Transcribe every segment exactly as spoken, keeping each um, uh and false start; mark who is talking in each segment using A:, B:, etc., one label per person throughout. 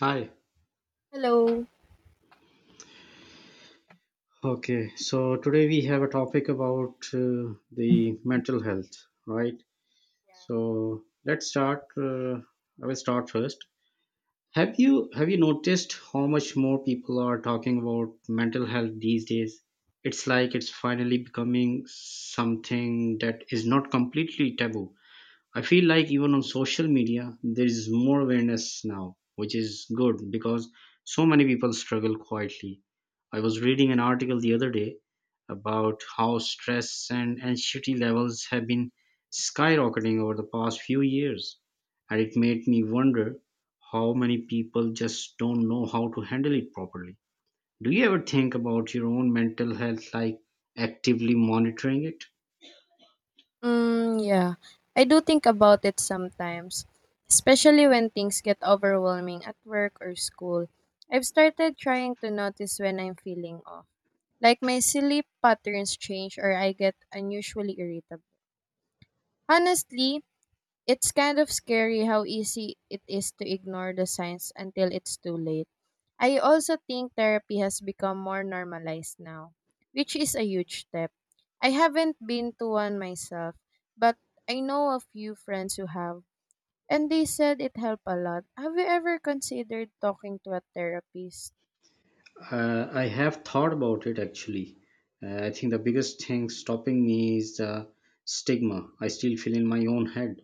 A: Hi.
B: Hello.
A: Okay. So today we have a topic about uh, the mental health, right? So let's start. Uh, I will start first. Have you have you noticed how much more people are talking about mental health these days? It's like it's finally becoming something that is not completely taboo. I feel like even on social media, there is more awareness now, which is good because so many people struggle quietly. I was reading an article the other day about how stress and anxiety levels have been skyrocketing over the past few years, and it made me wonder how many people just don't know how to handle it properly. Do you ever think about your own mental health like actively monitoring it?
B: Mm, yeah. I do think about it sometimes, especially when things get overwhelming at work or school. I've started trying to notice when I'm feeling off, like my sleep patterns change or I get unusually irritable. Honestly, it's kind of scary how easy it is to ignore the signs until it's too late. I also think therapy has become more normalized now, which is a huge step. I haven't been to one myself, but I know a few friends who have, and they said it helped a lot. Have you ever considered talking to a therapist?
A: Uh, I have thought about it actually. Uh, I think the biggest thing stopping me is the stigma I still feel in my own head.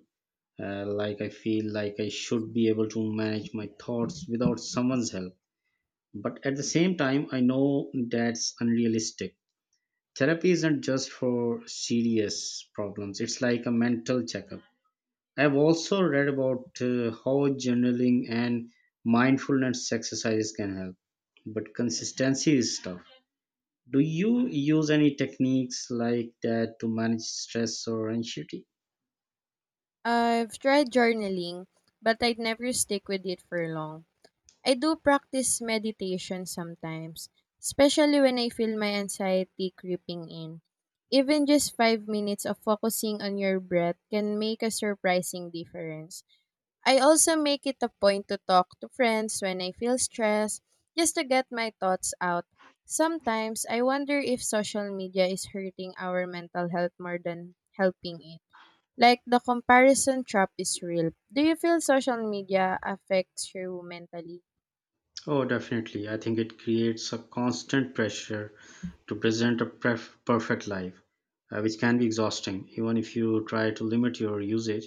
A: Uh, like I feel like I should be able to manage my thoughts without someone's help. But at the same time, I know that's unrealistic. Therapy isn't just for serious problems, it's like a mental checkup. I've also read about uh, how journaling and mindfulness exercises can help, but consistency is tough. Do you use any techniques like that to manage stress or anxiety?
B: I've tried journaling, but I'd never stick with it for long. I do practice meditation sometimes, especially when I feel my anxiety creeping in. Even just five minutes of focusing on your breath can make a surprising difference. I also make it a point to talk to friends when I feel stressed, just to get my thoughts out. Sometimes I wonder if social media is hurting our mental health more than helping it. Like, the comparison trap is real. Do you feel social media affects you mentally?
A: Oh, definitely. I think it creates a constant pressure to present a pref- perfect life, uh, which can be exhausting, even if you try to limit your usage.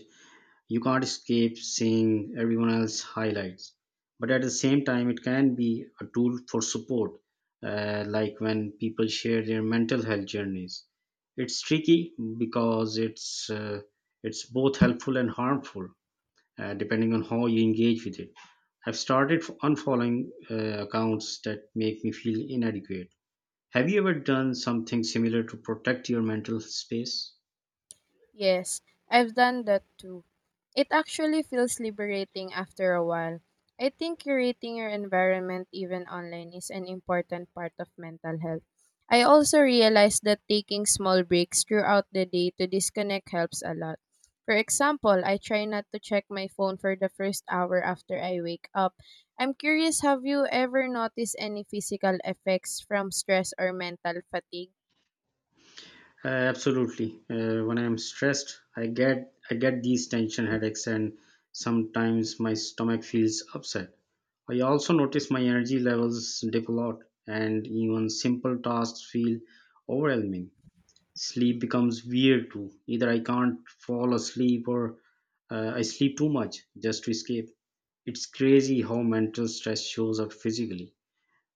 A: You can't escape seeing everyone else's highlights. But at the same time, it can be a tool for support, uh, like when people share their mental health journeys. It's tricky because it's uh, it's both helpful and harmful, uh, depending on how you engage with it. I've started unfollowing uh, accounts that make me feel inadequate. Have you ever done something similar to protect your mental space?
B: Yes, I've done that too. It actually feels liberating after a while. I think curating your environment, even online, is an important part of mental health. I also realized that taking small breaks throughout the day to disconnect helps a lot. For example, I try not to check my phone for the first hour after I wake up. I'm curious, have you ever noticed any physical effects from stress or mental fatigue?
A: Uh, absolutely. Uh, when I'm stressed, I get I get these tension headaches, and sometimes my stomach feels upset. I also notice my energy levels dip a lot, and even simple tasks feel overwhelming. Sleep becomes weird too. Either I can't fall asleep, or uh, I sleep too much just to escape. It's crazy how mental stress shows up physically.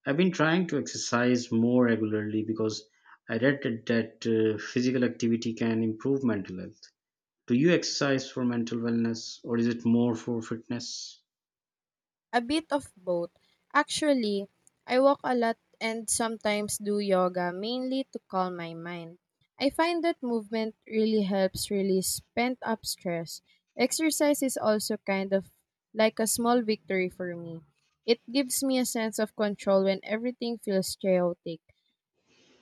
A: I've been trying to exercise more regularly because I read that that, uh, physical activity can improve mental health. Do you exercise for mental wellness or is it more for fitness?
B: A bit of both. Actually, I walk a lot and sometimes do yoga mainly to calm my mind. I find that movement really helps release pent up stress. Exercise is also kind of like a small victory for me. It gives me a sense of control when everything feels chaotic.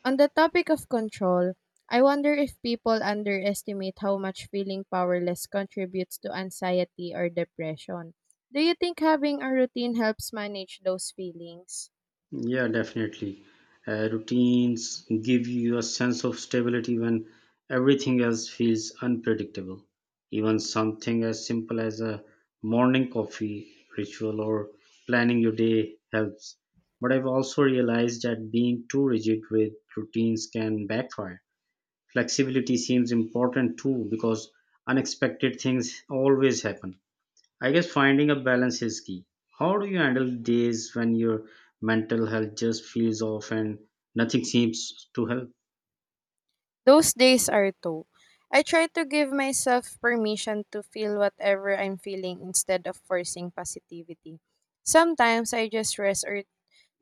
B: On the topic of control, I wonder if people underestimate how much feeling powerless contributes to anxiety or depression. Do you think having a routine helps manage those feelings?
A: Yeah, definitely. Uh, routines give you a sense of stability when everything else feels unpredictable. Even something as simple as a morning coffee ritual or planning your day helps. But I've also realized that being too rigid with routines can backfire. Flexibility seems important too because unexpected things always happen. I guess finding a balance is key. How do you handle days when your mental health just feels off and nothing seems to help?
B: Those days are too. I try to give myself permission to feel whatever I'm feeling instead of forcing positivity. Sometimes I just rest or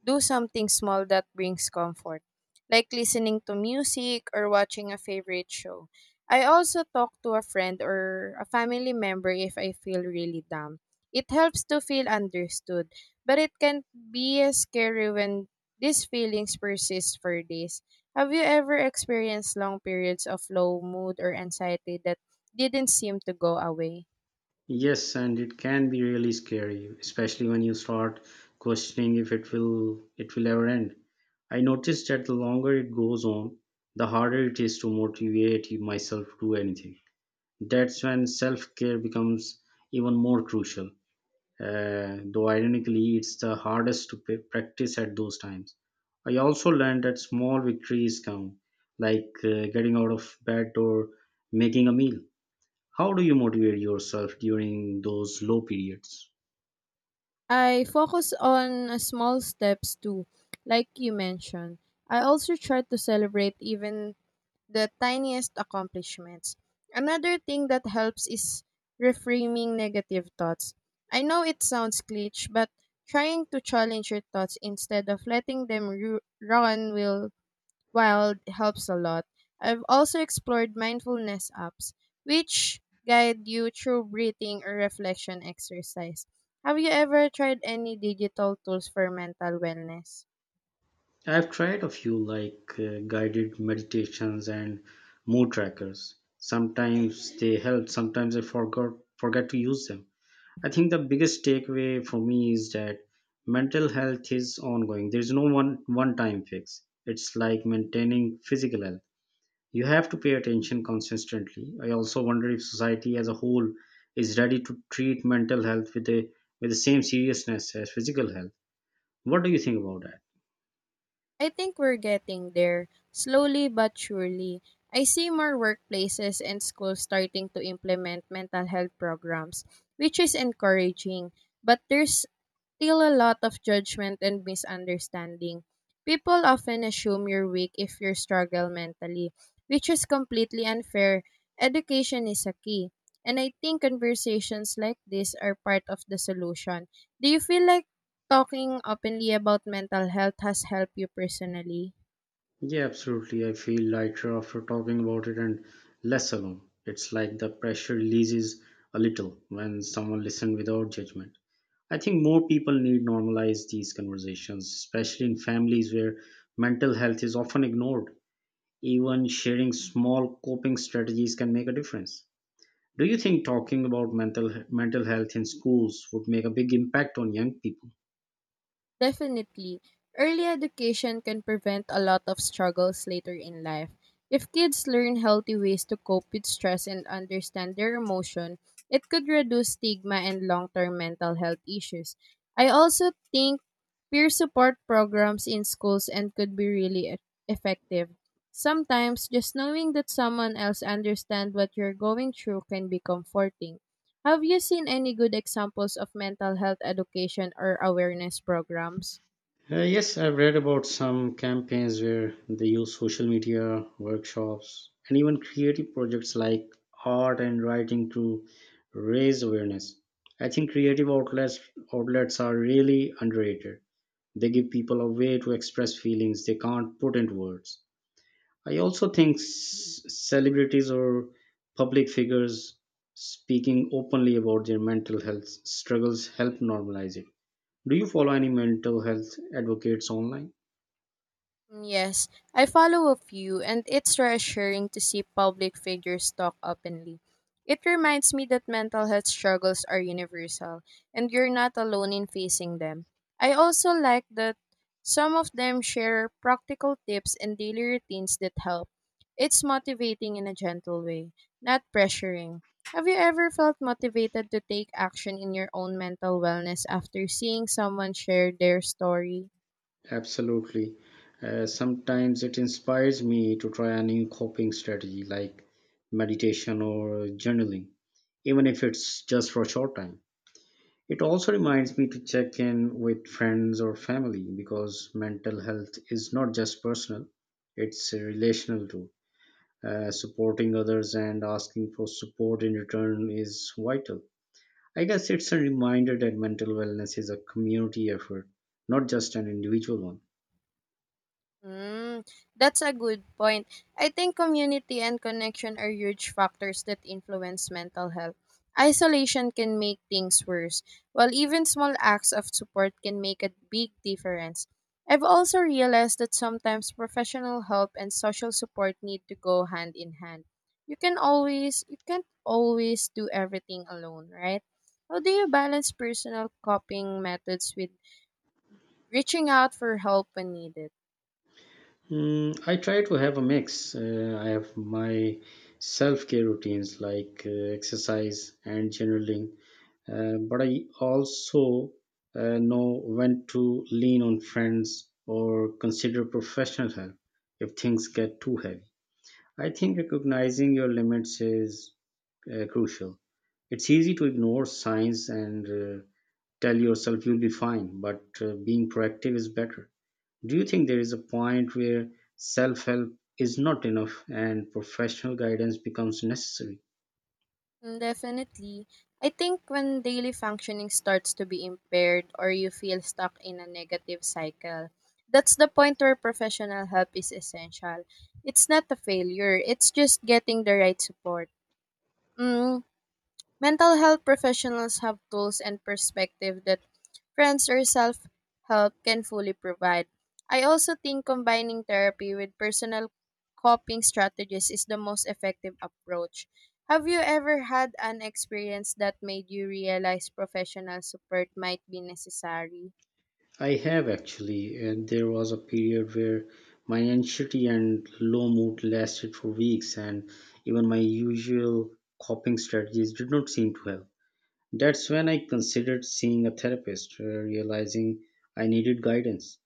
B: do something small that brings comfort, like listening to music or watching a favorite show. I also talk to a friend or a family member if I feel really down. It helps to feel understood, but it can be scary when these feelings persist for days. Have you ever experienced long periods of low mood or anxiety that didn't seem to go away?
A: Yes, and it can be really scary, especially when you start questioning if it will it will ever end. I noticed that the longer it goes on, the harder it is to motivate myself to do anything. That's when self-care becomes even more crucial. uh, though ironically it's the hardest to pa- practice at those times. I also learned that small victories count, like uh, getting out of bed or making a meal. How do you motivate yourself during those low periods?
B: I focus on uh, small steps too, like you mentioned. I also try to celebrate even the tiniest accomplishments. Another thing that helps is reframing negative thoughts. I know it sounds cliche, but trying to challenge your thoughts instead of letting them ru- run will wild helps a lot. I've also explored mindfulness apps, which guide you through breathing or reflection exercise. Have you ever tried any digital tools for mental wellness?
A: I've tried a few like uh, guided meditations and mood trackers. Sometimes they help, sometimes I forgot forget to use them. I think the biggest takeaway for me is that mental health is ongoing. There's no one one time fix. It's like maintaining physical health. You have to pay attention consistently. I also wonder if society as a whole is ready to treat mental health with a with the same seriousness as physical health. What do you think about that?
B: I think we're getting there, slowly but surely. I see more workplaces and schools starting to implement mental health programs, which is encouraging, but there's still a lot of judgment and misunderstanding. People often assume you're weak if you struggle mentally, which is completely unfair. Education is a key. And I think conversations like this are part of the solution. Do you feel like talking openly about mental health has helped you personally?
A: Yeah, absolutely. I feel lighter after talking about it and less alone. It's like the pressure releases a little when someone listens without judgment. I think more people need normalize these conversations, especially in families where mental health is often ignored. Even sharing small coping strategies can make a difference. Do you think talking about mental mental health in schools would make a big impact on young people?
B: Definitely. Early education can prevent a lot of struggles later in life. If kids learn healthy ways to cope with stress and understand their emotion, it could reduce stigma and long term mental health issues. I also think peer support programs in schools and could be really e- effective. Sometimes just knowing that someone else understands what you're going through can be comforting. Have you seen any good examples of mental health education or awareness programs?
A: Uh, yes, I've read about some campaigns where they use social media, workshops, and even creative projects like art and writing to raise awareness. I think creative outlets outlets are really underrated. They give people a way to express feelings they can't put into words. I also think s- celebrities or public figures speaking openly about their mental health struggles help normalize it. Do you follow any mental health advocates online?
B: Mm, yes, I follow a few, and it's reassuring to see public figures talk openly. It reminds me that mental health struggles are universal, and you're not alone in facing them. I also like that some of them share practical tips and daily routines that help. It's motivating in a gentle way, not pressuring. Have you ever felt motivated to take action in your own mental wellness after seeing someone share their story?
A: Absolutely. Uh, sometimes it inspires me to try a new coping strategy like meditation or journaling, even if it's just for a short time. It also reminds me to check in with friends or family because mental health is not just personal, it's relational too. Uh, supporting others and asking for support in return is vital. I guess it's a reminder that mental wellness is a community effort, not just an individual one.
B: Mm, that's a good point. I think community and connection are huge factors that influence mental health. Isolation can make things worse, while even small acts of support can make a big difference. I've also realized that sometimes professional help and social support need to go hand in hand. You can always you can't always do everything alone, right? How do you balance personal coping methods with reaching out for help when needed?
A: Mm, I try to have a mix. Uh, I have my self care routines like uh, exercise and journaling uh, but I also uh, know when to lean on friends or consider professional help if things get too heavy. I think recognizing your limits is uh, crucial. It's easy to ignore signs and uh, tell yourself you'll be fine, but uh, being proactive is better. Do you think there is a point where self help is not enough and professional guidance becomes necessary?
B: Mm, definitely. I think when daily functioning starts to be impaired or you feel stuck in a negative cycle, that's the point where professional help is essential. It's not a failure, it's just getting the right support. Mm, mental health professionals have tools and perspective that friends or self help can fully provide. I also think combining therapy with personal coping strategies is the most effective approach. Have you ever had an experience that made you realize professional support might be necessary?
A: I have actually, and there was a period where my anxiety and low mood lasted for weeks, and even my usual coping strategies did not seem to help. That's when I considered seeing a therapist, uh, realizing I needed guidance.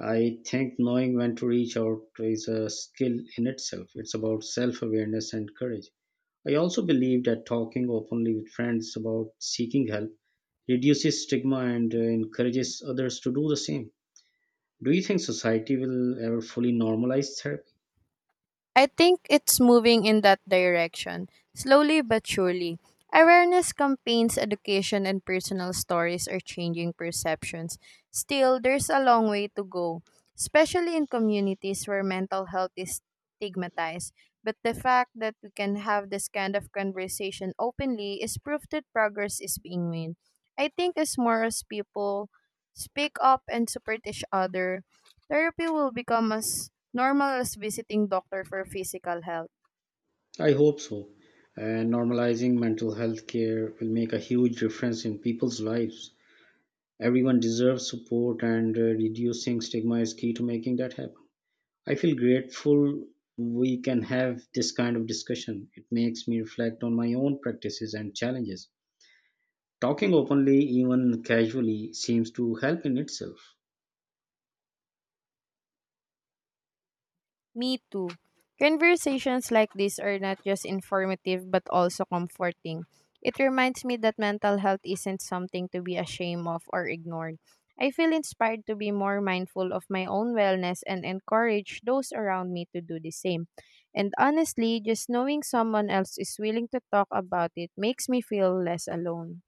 A: I think knowing when to reach out is a skill in itself, it's about self awareness and courage. I also believe that talking openly with friends about seeking help reduces stigma and uh, encourages others to do the same. Do you think society will ever fully normalize therapy?
B: I think it's moving in that direction, slowly but surely. Awareness campaigns, education, and personal stories are changing perceptions. Still, there's a long way to go, especially in communities where mental health is stigmatized. But the fact that we can have this kind of conversation openly is proof that progress is being made. I think as more as people speak up and support each other, therapy will become as normal as visiting doctor for physical health.
A: I hope so. And normalizing mental health care will make a huge difference in people's lives. Everyone deserves support, and uh, reducing stigma is key to making that happen. I feel grateful we can have this kind of discussion. It makes me reflect on my own practices and challenges. Talking openly, even casually, seems to help in itself.
B: Me too. Conversations like this are not just informative but also comforting. It reminds me that mental health isn't something to be ashamed of or ignored. I feel inspired to be more mindful of my own wellness and encourage those around me to do the same. And honestly, just knowing someone else is willing to talk about it makes me feel less alone.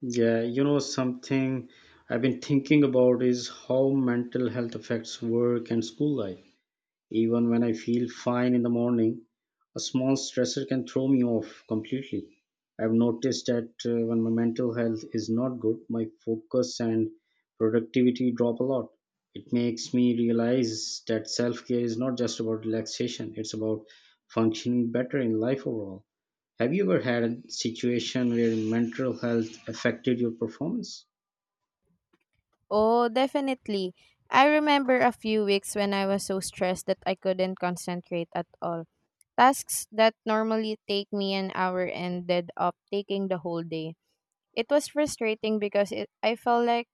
A: Yeah, you know, something I've been thinking about is how mental health affects work and school life. Even when I feel fine in the morning, a small stressor can throw me off completely. I've noticed that uh, when my mental health is not good, my focus and productivity drop a lot. It makes me realize that self care is not just about relaxation, it's about functioning better in life overall. Have you ever had a situation where mental health affected your performance?
B: Oh, definitely. I remember a few weeks when I was so stressed that I couldn't concentrate at all. Tasks that normally take me an hour ended up taking the whole day. It was frustrating because it, I felt like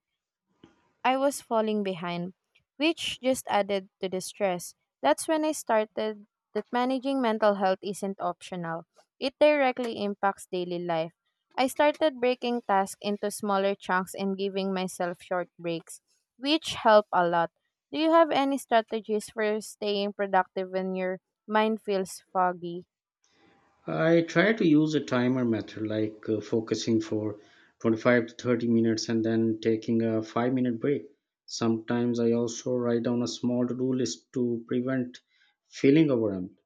B: I was falling behind, which just added to the stress. That's when I started that managing mental health isn't optional. It directly impacts daily life. I started breaking tasks into smaller chunks and giving myself short breaks, which help a lot. Do you have any strategies for staying productive when your mind feels foggy?
A: I try to use a timer method like uh, focusing for twenty-five to thirty minutes and then taking a five minute break. Sometimes I also write down a small to do list to prevent feeling overwhelmed.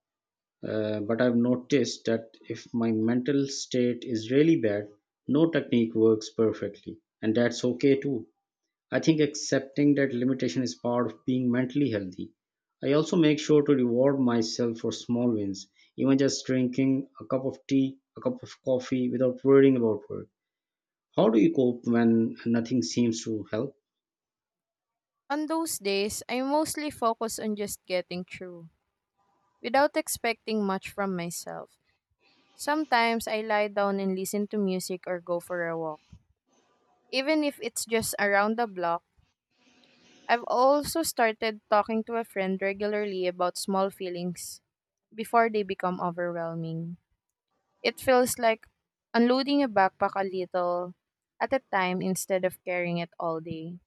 A: Uh, but I've noticed that if my mental state is really bad, no technique works perfectly, and that's okay too. I think accepting that limitation is part of being mentally healthy. I also make sure to reward myself for small wins, even just drinking a cup of tea, a cup of coffee without worrying about work. How do you cope when nothing seems to help?
B: On those days, I mostly focus on just getting through without expecting much from myself. Sometimes I lie down and listen to music or go for a walk. Even if it's just around the block, I've also started talking to a friend regularly about small feelings before they become overwhelming. It feels like unloading a backpack a little at a time instead of carrying it all day.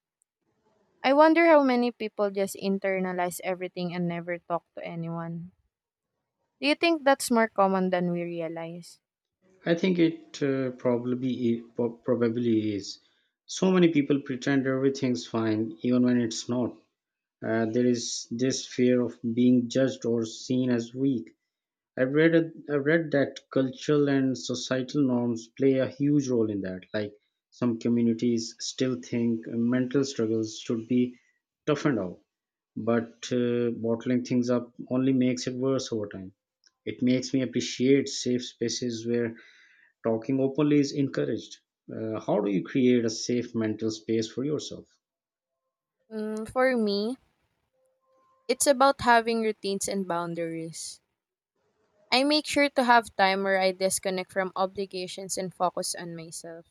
B: I wonder how many people just internalize everything and never talk to anyone. Do you think that's more common than we realize?
A: I think it uh, probably i- pro- probably is. So many people pretend everything's fine even when it's not. Uh, there is this fear of being judged or seen as weak. I've read I've read that cultural and societal norms play a huge role in that. Like some communities still think mental struggles should be toughened out, but uh, bottling things up only makes it worse over time. It makes me appreciate safe spaces where talking openly is encouraged. Uh, how do you create a safe mental space for yourself?
B: Mm, for me, it's about having routines and boundaries. I make sure to have time where I disconnect from obligations and focus on myself.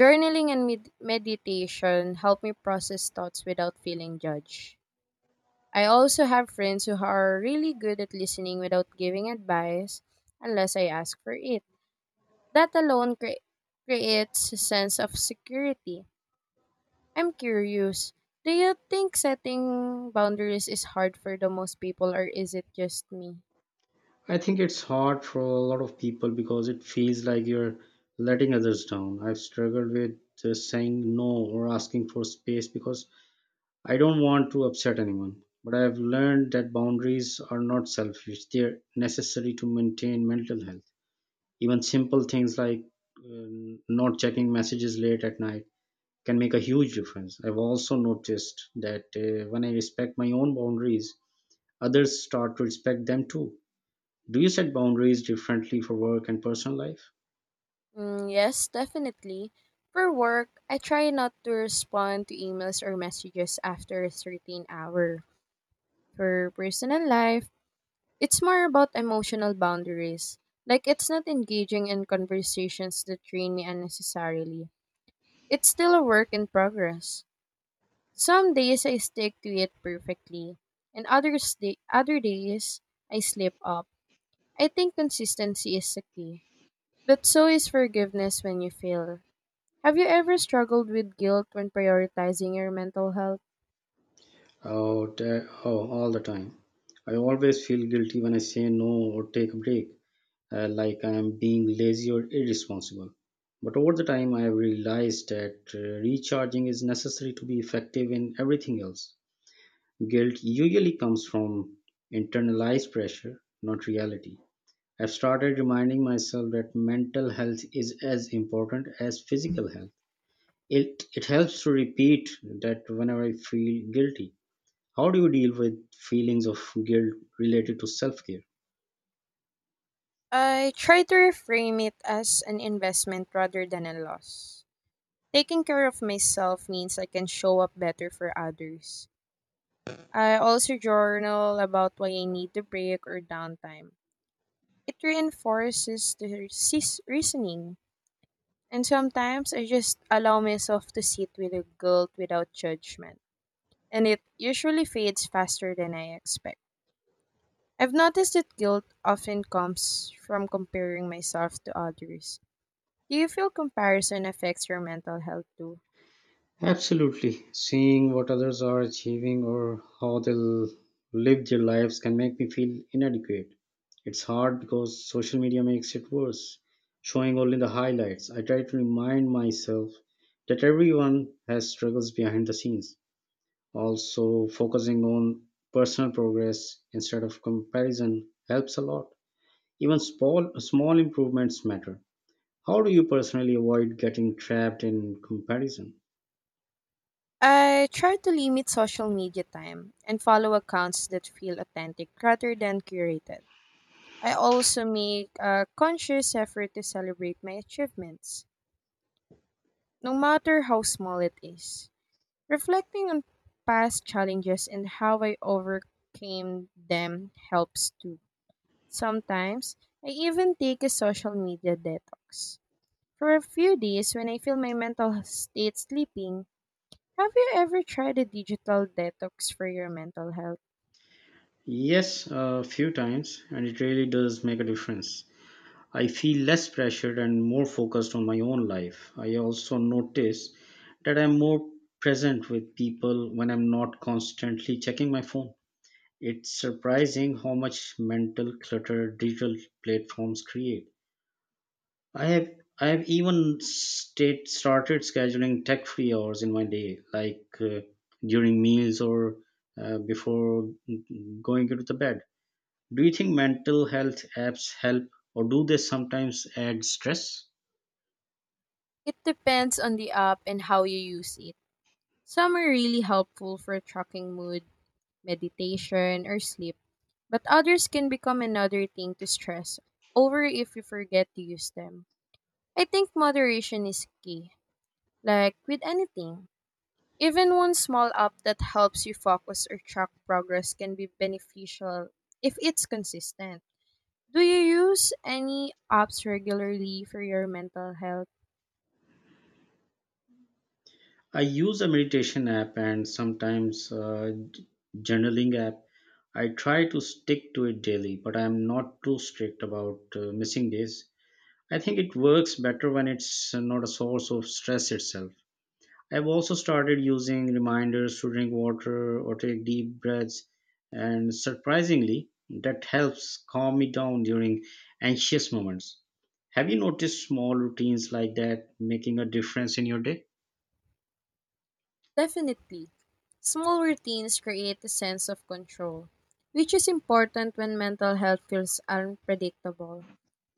B: Journaling and med- meditation help me process thoughts without feeling judged. I also have friends who are really good at listening without giving advice unless I ask for it. That alone cre- creates a sense of security. I'm curious. Do you think setting boundaries is hard for the most people or is it just me?
A: I think it's hard for a lot of people because it feels like you're letting others down. I've struggled with just saying no or asking for space because I don't want to upset anyone. But I've learned that boundaries are not selfish, they're necessary to maintain mental health. Even simple things like um, not checking messages late at night can make a huge difference. I've also noticed that uh, when I respect my own boundaries, others start to respect them too. Do you set boundaries differently for work and personal life?
B: Mm, yes, definitely. For work, I try not to respond to emails or messages after a certain hour. For personal life, it's more about emotional boundaries. Like, it's not engaging in conversations that drain me unnecessarily. It's still a work in progress. Some days I stick to it perfectly, and others day, other days I slip up. I think consistency is the key, but so is forgiveness when you fail. Have you ever struggled with guilt when prioritizing your mental health?
A: Oh, te- oh, all the time. I always feel guilty when I say no or take a break, uh, like I am being lazy or irresponsible. But over the time, I have realized that uh, recharging is necessary to be effective in everything else. Guilt usually comes from internalized pressure, not reality. I've started reminding myself that mental health is as important as physical health. It it helps to repeat that whenever I feel guilty. How do you deal with feelings of guilt related to self-care?
B: I try to reframe it as an investment rather than a loss. Taking care of myself means I can show up better for others. I also journal about why I need a break or downtime. It reinforces the sis- reasoning. And sometimes I just allow myself to sit with the guilt without judgment. And it usually fades faster than I expect. I've noticed that guilt often comes from comparing myself to others. Do you feel comparison affects your mental health too?
A: Absolutely. Seeing what others are achieving or how they will live their lives can make me feel inadequate. It's hard because social media makes it worse, showing only the highlights. I try to remind myself that everyone has struggles behind the scenes. Also, focusing on personal progress instead of comparison helps a lot. Even small, small improvements matter. How do you personally avoid getting trapped in comparison?
B: I try to limit social media time and follow accounts that feel authentic rather than curated. I also make a conscious effort to celebrate my achievements, no matter how small it is. Reflecting on past challenges and how I overcame them helps too. Sometimes, I even take a social media detox. For a few days when I feel my mental state slipping, have you ever tried a digital detox for your mental health?
A: Yes, a few times, and it really does make a difference. I feel less pressured and more focused on my own life. I also notice that I'm more present with people when I'm not constantly checking my phone. It's surprising how much mental clutter digital platforms create. I have I have even state started scheduling tech free hours in my day, like uh, during meals or uh, before going into the bed. Do you think mental health apps help, or do they sometimes add stress?
B: It depends on the app and how you use it. Some are really helpful for tracking mood, meditation, or sleep, but others can become another thing to stress over if you forget to use them. I think moderation is key, like with anything. Even one small app that helps you focus or track progress can be beneficial if it's consistent. Do you use any apps regularly for your mental health?
A: I use a meditation app and sometimes uh, j- journaling app. I try to stick to it daily, but I am not too strict about uh, missing days. I think it works better when it's not a source of stress itself. I've also started using reminders to drink water or take deep breaths, and surprisingly, that helps calm me down during anxious moments. Have you noticed small routines like that making a difference in your day?
B: Definitely. Small routines create a sense of control, which is important when mental health feels unpredictable.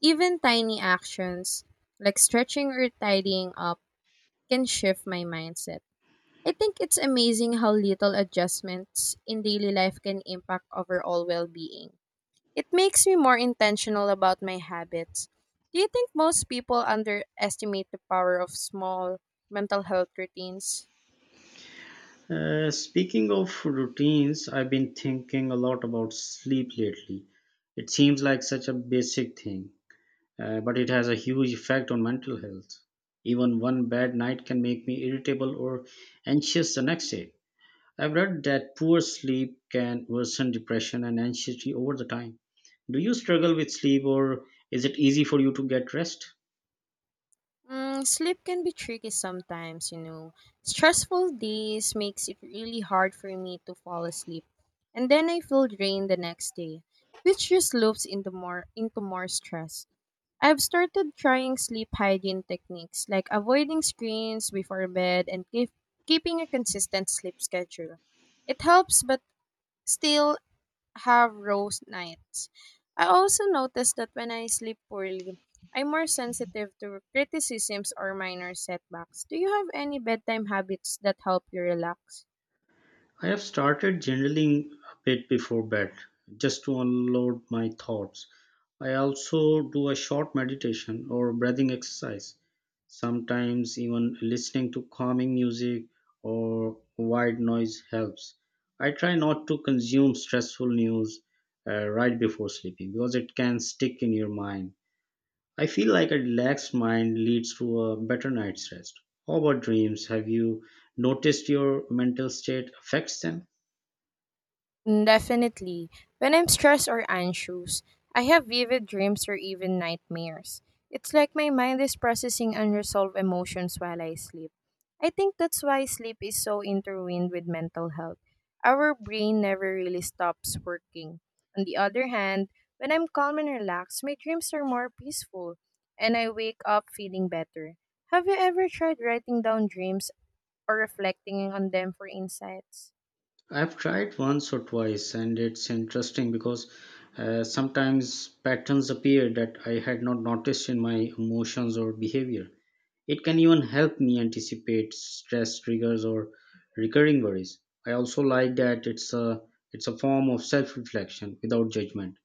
B: Even tiny actions, like stretching or tidying up, can shift my mindset. I think it's amazing how little adjustments in daily life can impact overall well being. It makes me more intentional about my habits. Do you think most people underestimate the power of small mental health routines?
A: Uh, speaking of routines, I've been thinking a lot about sleep lately. It seems like such a basic thing, uh, but it has a huge effect on mental health. Even one bad night can make me irritable or anxious the next day. I've read that poor sleep can worsen depression and anxiety over the time. Do you struggle with sleep, or is it easy for you to get rest?
B: Mm, sleep can be tricky sometimes, you know. Stressful days makes it really hard for me to fall asleep, and then I feel drained the next day, which just loops into more into more stress. I've started trying sleep hygiene techniques like avoiding screens before bed and keep, keeping a consistent sleep schedule. It helps, but still have rose nights. I also noticed that when I sleep poorly, I'm more sensitive to criticisms or minor setbacks. Do you have any bedtime habits that help you relax?
A: I have started journaling a bit before bed just to unload my thoughts. I also do a short meditation or breathing exercise, sometimes even listening to calming music or white noise helps. I try not to consume stressful news uh, right before sleeping because it can stick in your mind. I feel like a relaxed mind leads to a better night's rest. How about dreams? Have you noticed your mental state affects them?
B: Mm. Definitely. When I'm stressed or anxious, I have vivid dreams or even nightmares. It's like my mind is processing unresolved emotions while I sleep. I think that's why sleep is so intertwined with mental health. Our brain never really stops working. On the other hand, when I'm calm and relaxed, my dreams are more peaceful and I wake up feeling better. Have you ever tried writing down dreams or reflecting on them for insights?
A: I've tried once or twice, and it's interesting because uh, sometimes patterns appear that I had not noticed in my emotions or behavior. It can even help me anticipate stress triggers or recurring worries. I also like that it's a it's a form of self-reflection without judgment.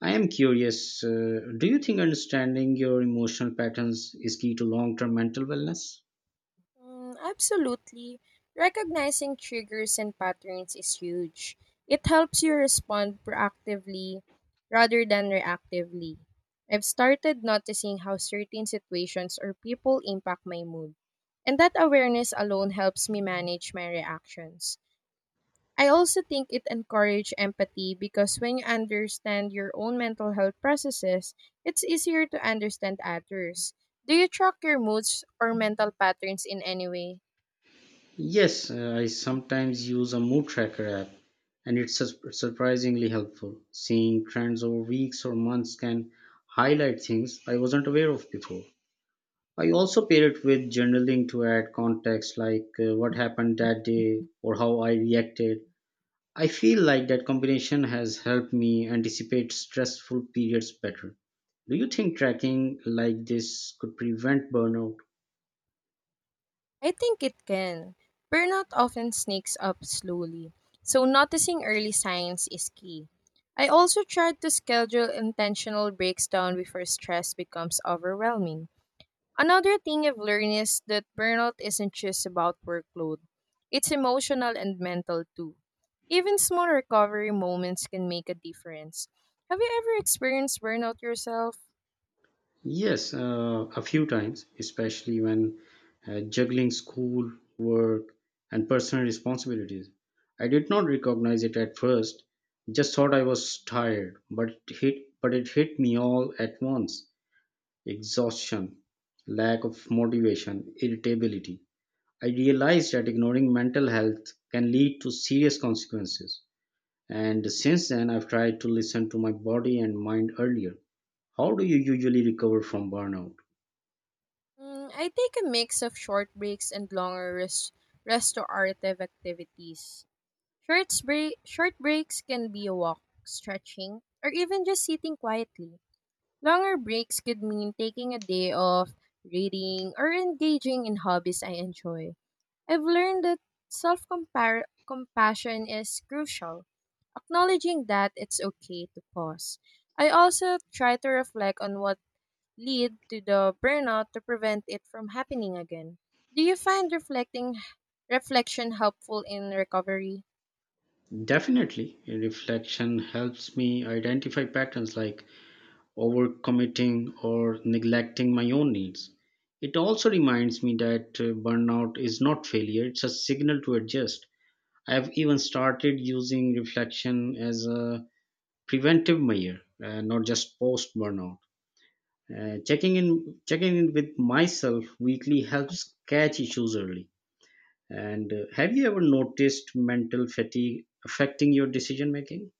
A: I am curious. Uh, do you think understanding your emotional patterns is key to long-term mental wellness?
B: Mm, absolutely. Recognizing triggers and patterns is huge. It helps you respond proactively rather than reactively. I've started noticing how certain situations or people impact my mood, and that awareness alone helps me manage my reactions. I also think it encourages empathy because when you understand your own mental health processes, it's easier to understand others. Do you track your moods or mental patterns in any way?
A: Yes, uh, I sometimes use a mood tracker app, and it's sus- surprisingly helpful. Seeing trends over weeks or months can highlight things I wasn't aware of before. I also pair it with journaling to add context, like uh, what happened that day or how I reacted. I feel like that combination has helped me anticipate stressful periods better. Do you think tracking like this could prevent burnout?
B: I think it can. Burnout often sneaks up slowly, so noticing early signs is key. I also tried to schedule intentional breaks down before stress becomes overwhelming. Another thing I've learned is that burnout isn't just about workload, it's emotional and mental too. Even small recovery moments can make a difference. Have you ever experienced burnout yourself?
A: Yes, uh, a few times, especially when uh, juggling school, work, and personal responsibilities. I did not recognize it at first, just thought I was tired, but it hit, but it hit me all at once: exhaustion, lack of motivation, irritability. I realized that ignoring mental health can lead to serious consequences. And since then, I've tried to listen to my body and mind earlier. How do you usually recover from burnout?
B: Mm, I take a mix of short breaks and longer rest restorative activities. Short, break- short breaks can be a walk, stretching, or even just sitting quietly. Longer breaks could mean taking a day off, reading, or engaging in hobbies I enjoy. I've learned that self compassion is crucial, acknowledging that it's okay to pause. I also try to reflect on what lead to the burnout to prevent it from happening again. Do you find reflecting reflection helpful in recovery?
A: Definitely, reflection helps me identify patterns like overcommitting or neglecting my own needs. It also reminds me that uh, burnout is not failure, it's a signal to adjust. I have even started using reflection as a preventive measure, uh, not just post burnout. Uh, checking in checking in with myself weekly helps catch issues early. And uh, have you ever noticed mental fatigue affecting your decision making?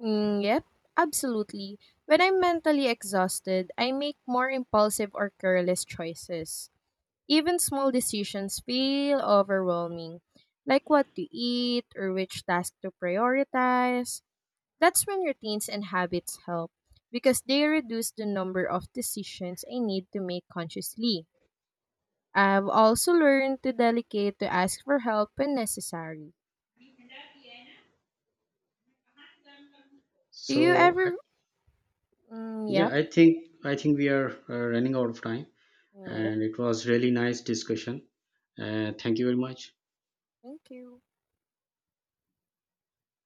B: Mm, yep, absolutely. When I'm mentally exhausted, I make more impulsive or careless choices. Even small decisions feel overwhelming, like what to eat or which task to prioritize. That's when routines and habits help because they reduce the number of decisions I need to make consciously. I've also learned to delegate to ask for help when necessary. Do you
A: So I,
B: ever? Mm, yep.
A: yeah, I think I think we are uh, running out of time,
B: Yep.
A: and it was really nice discussion. Uh, thank you very much.
B: Thank you.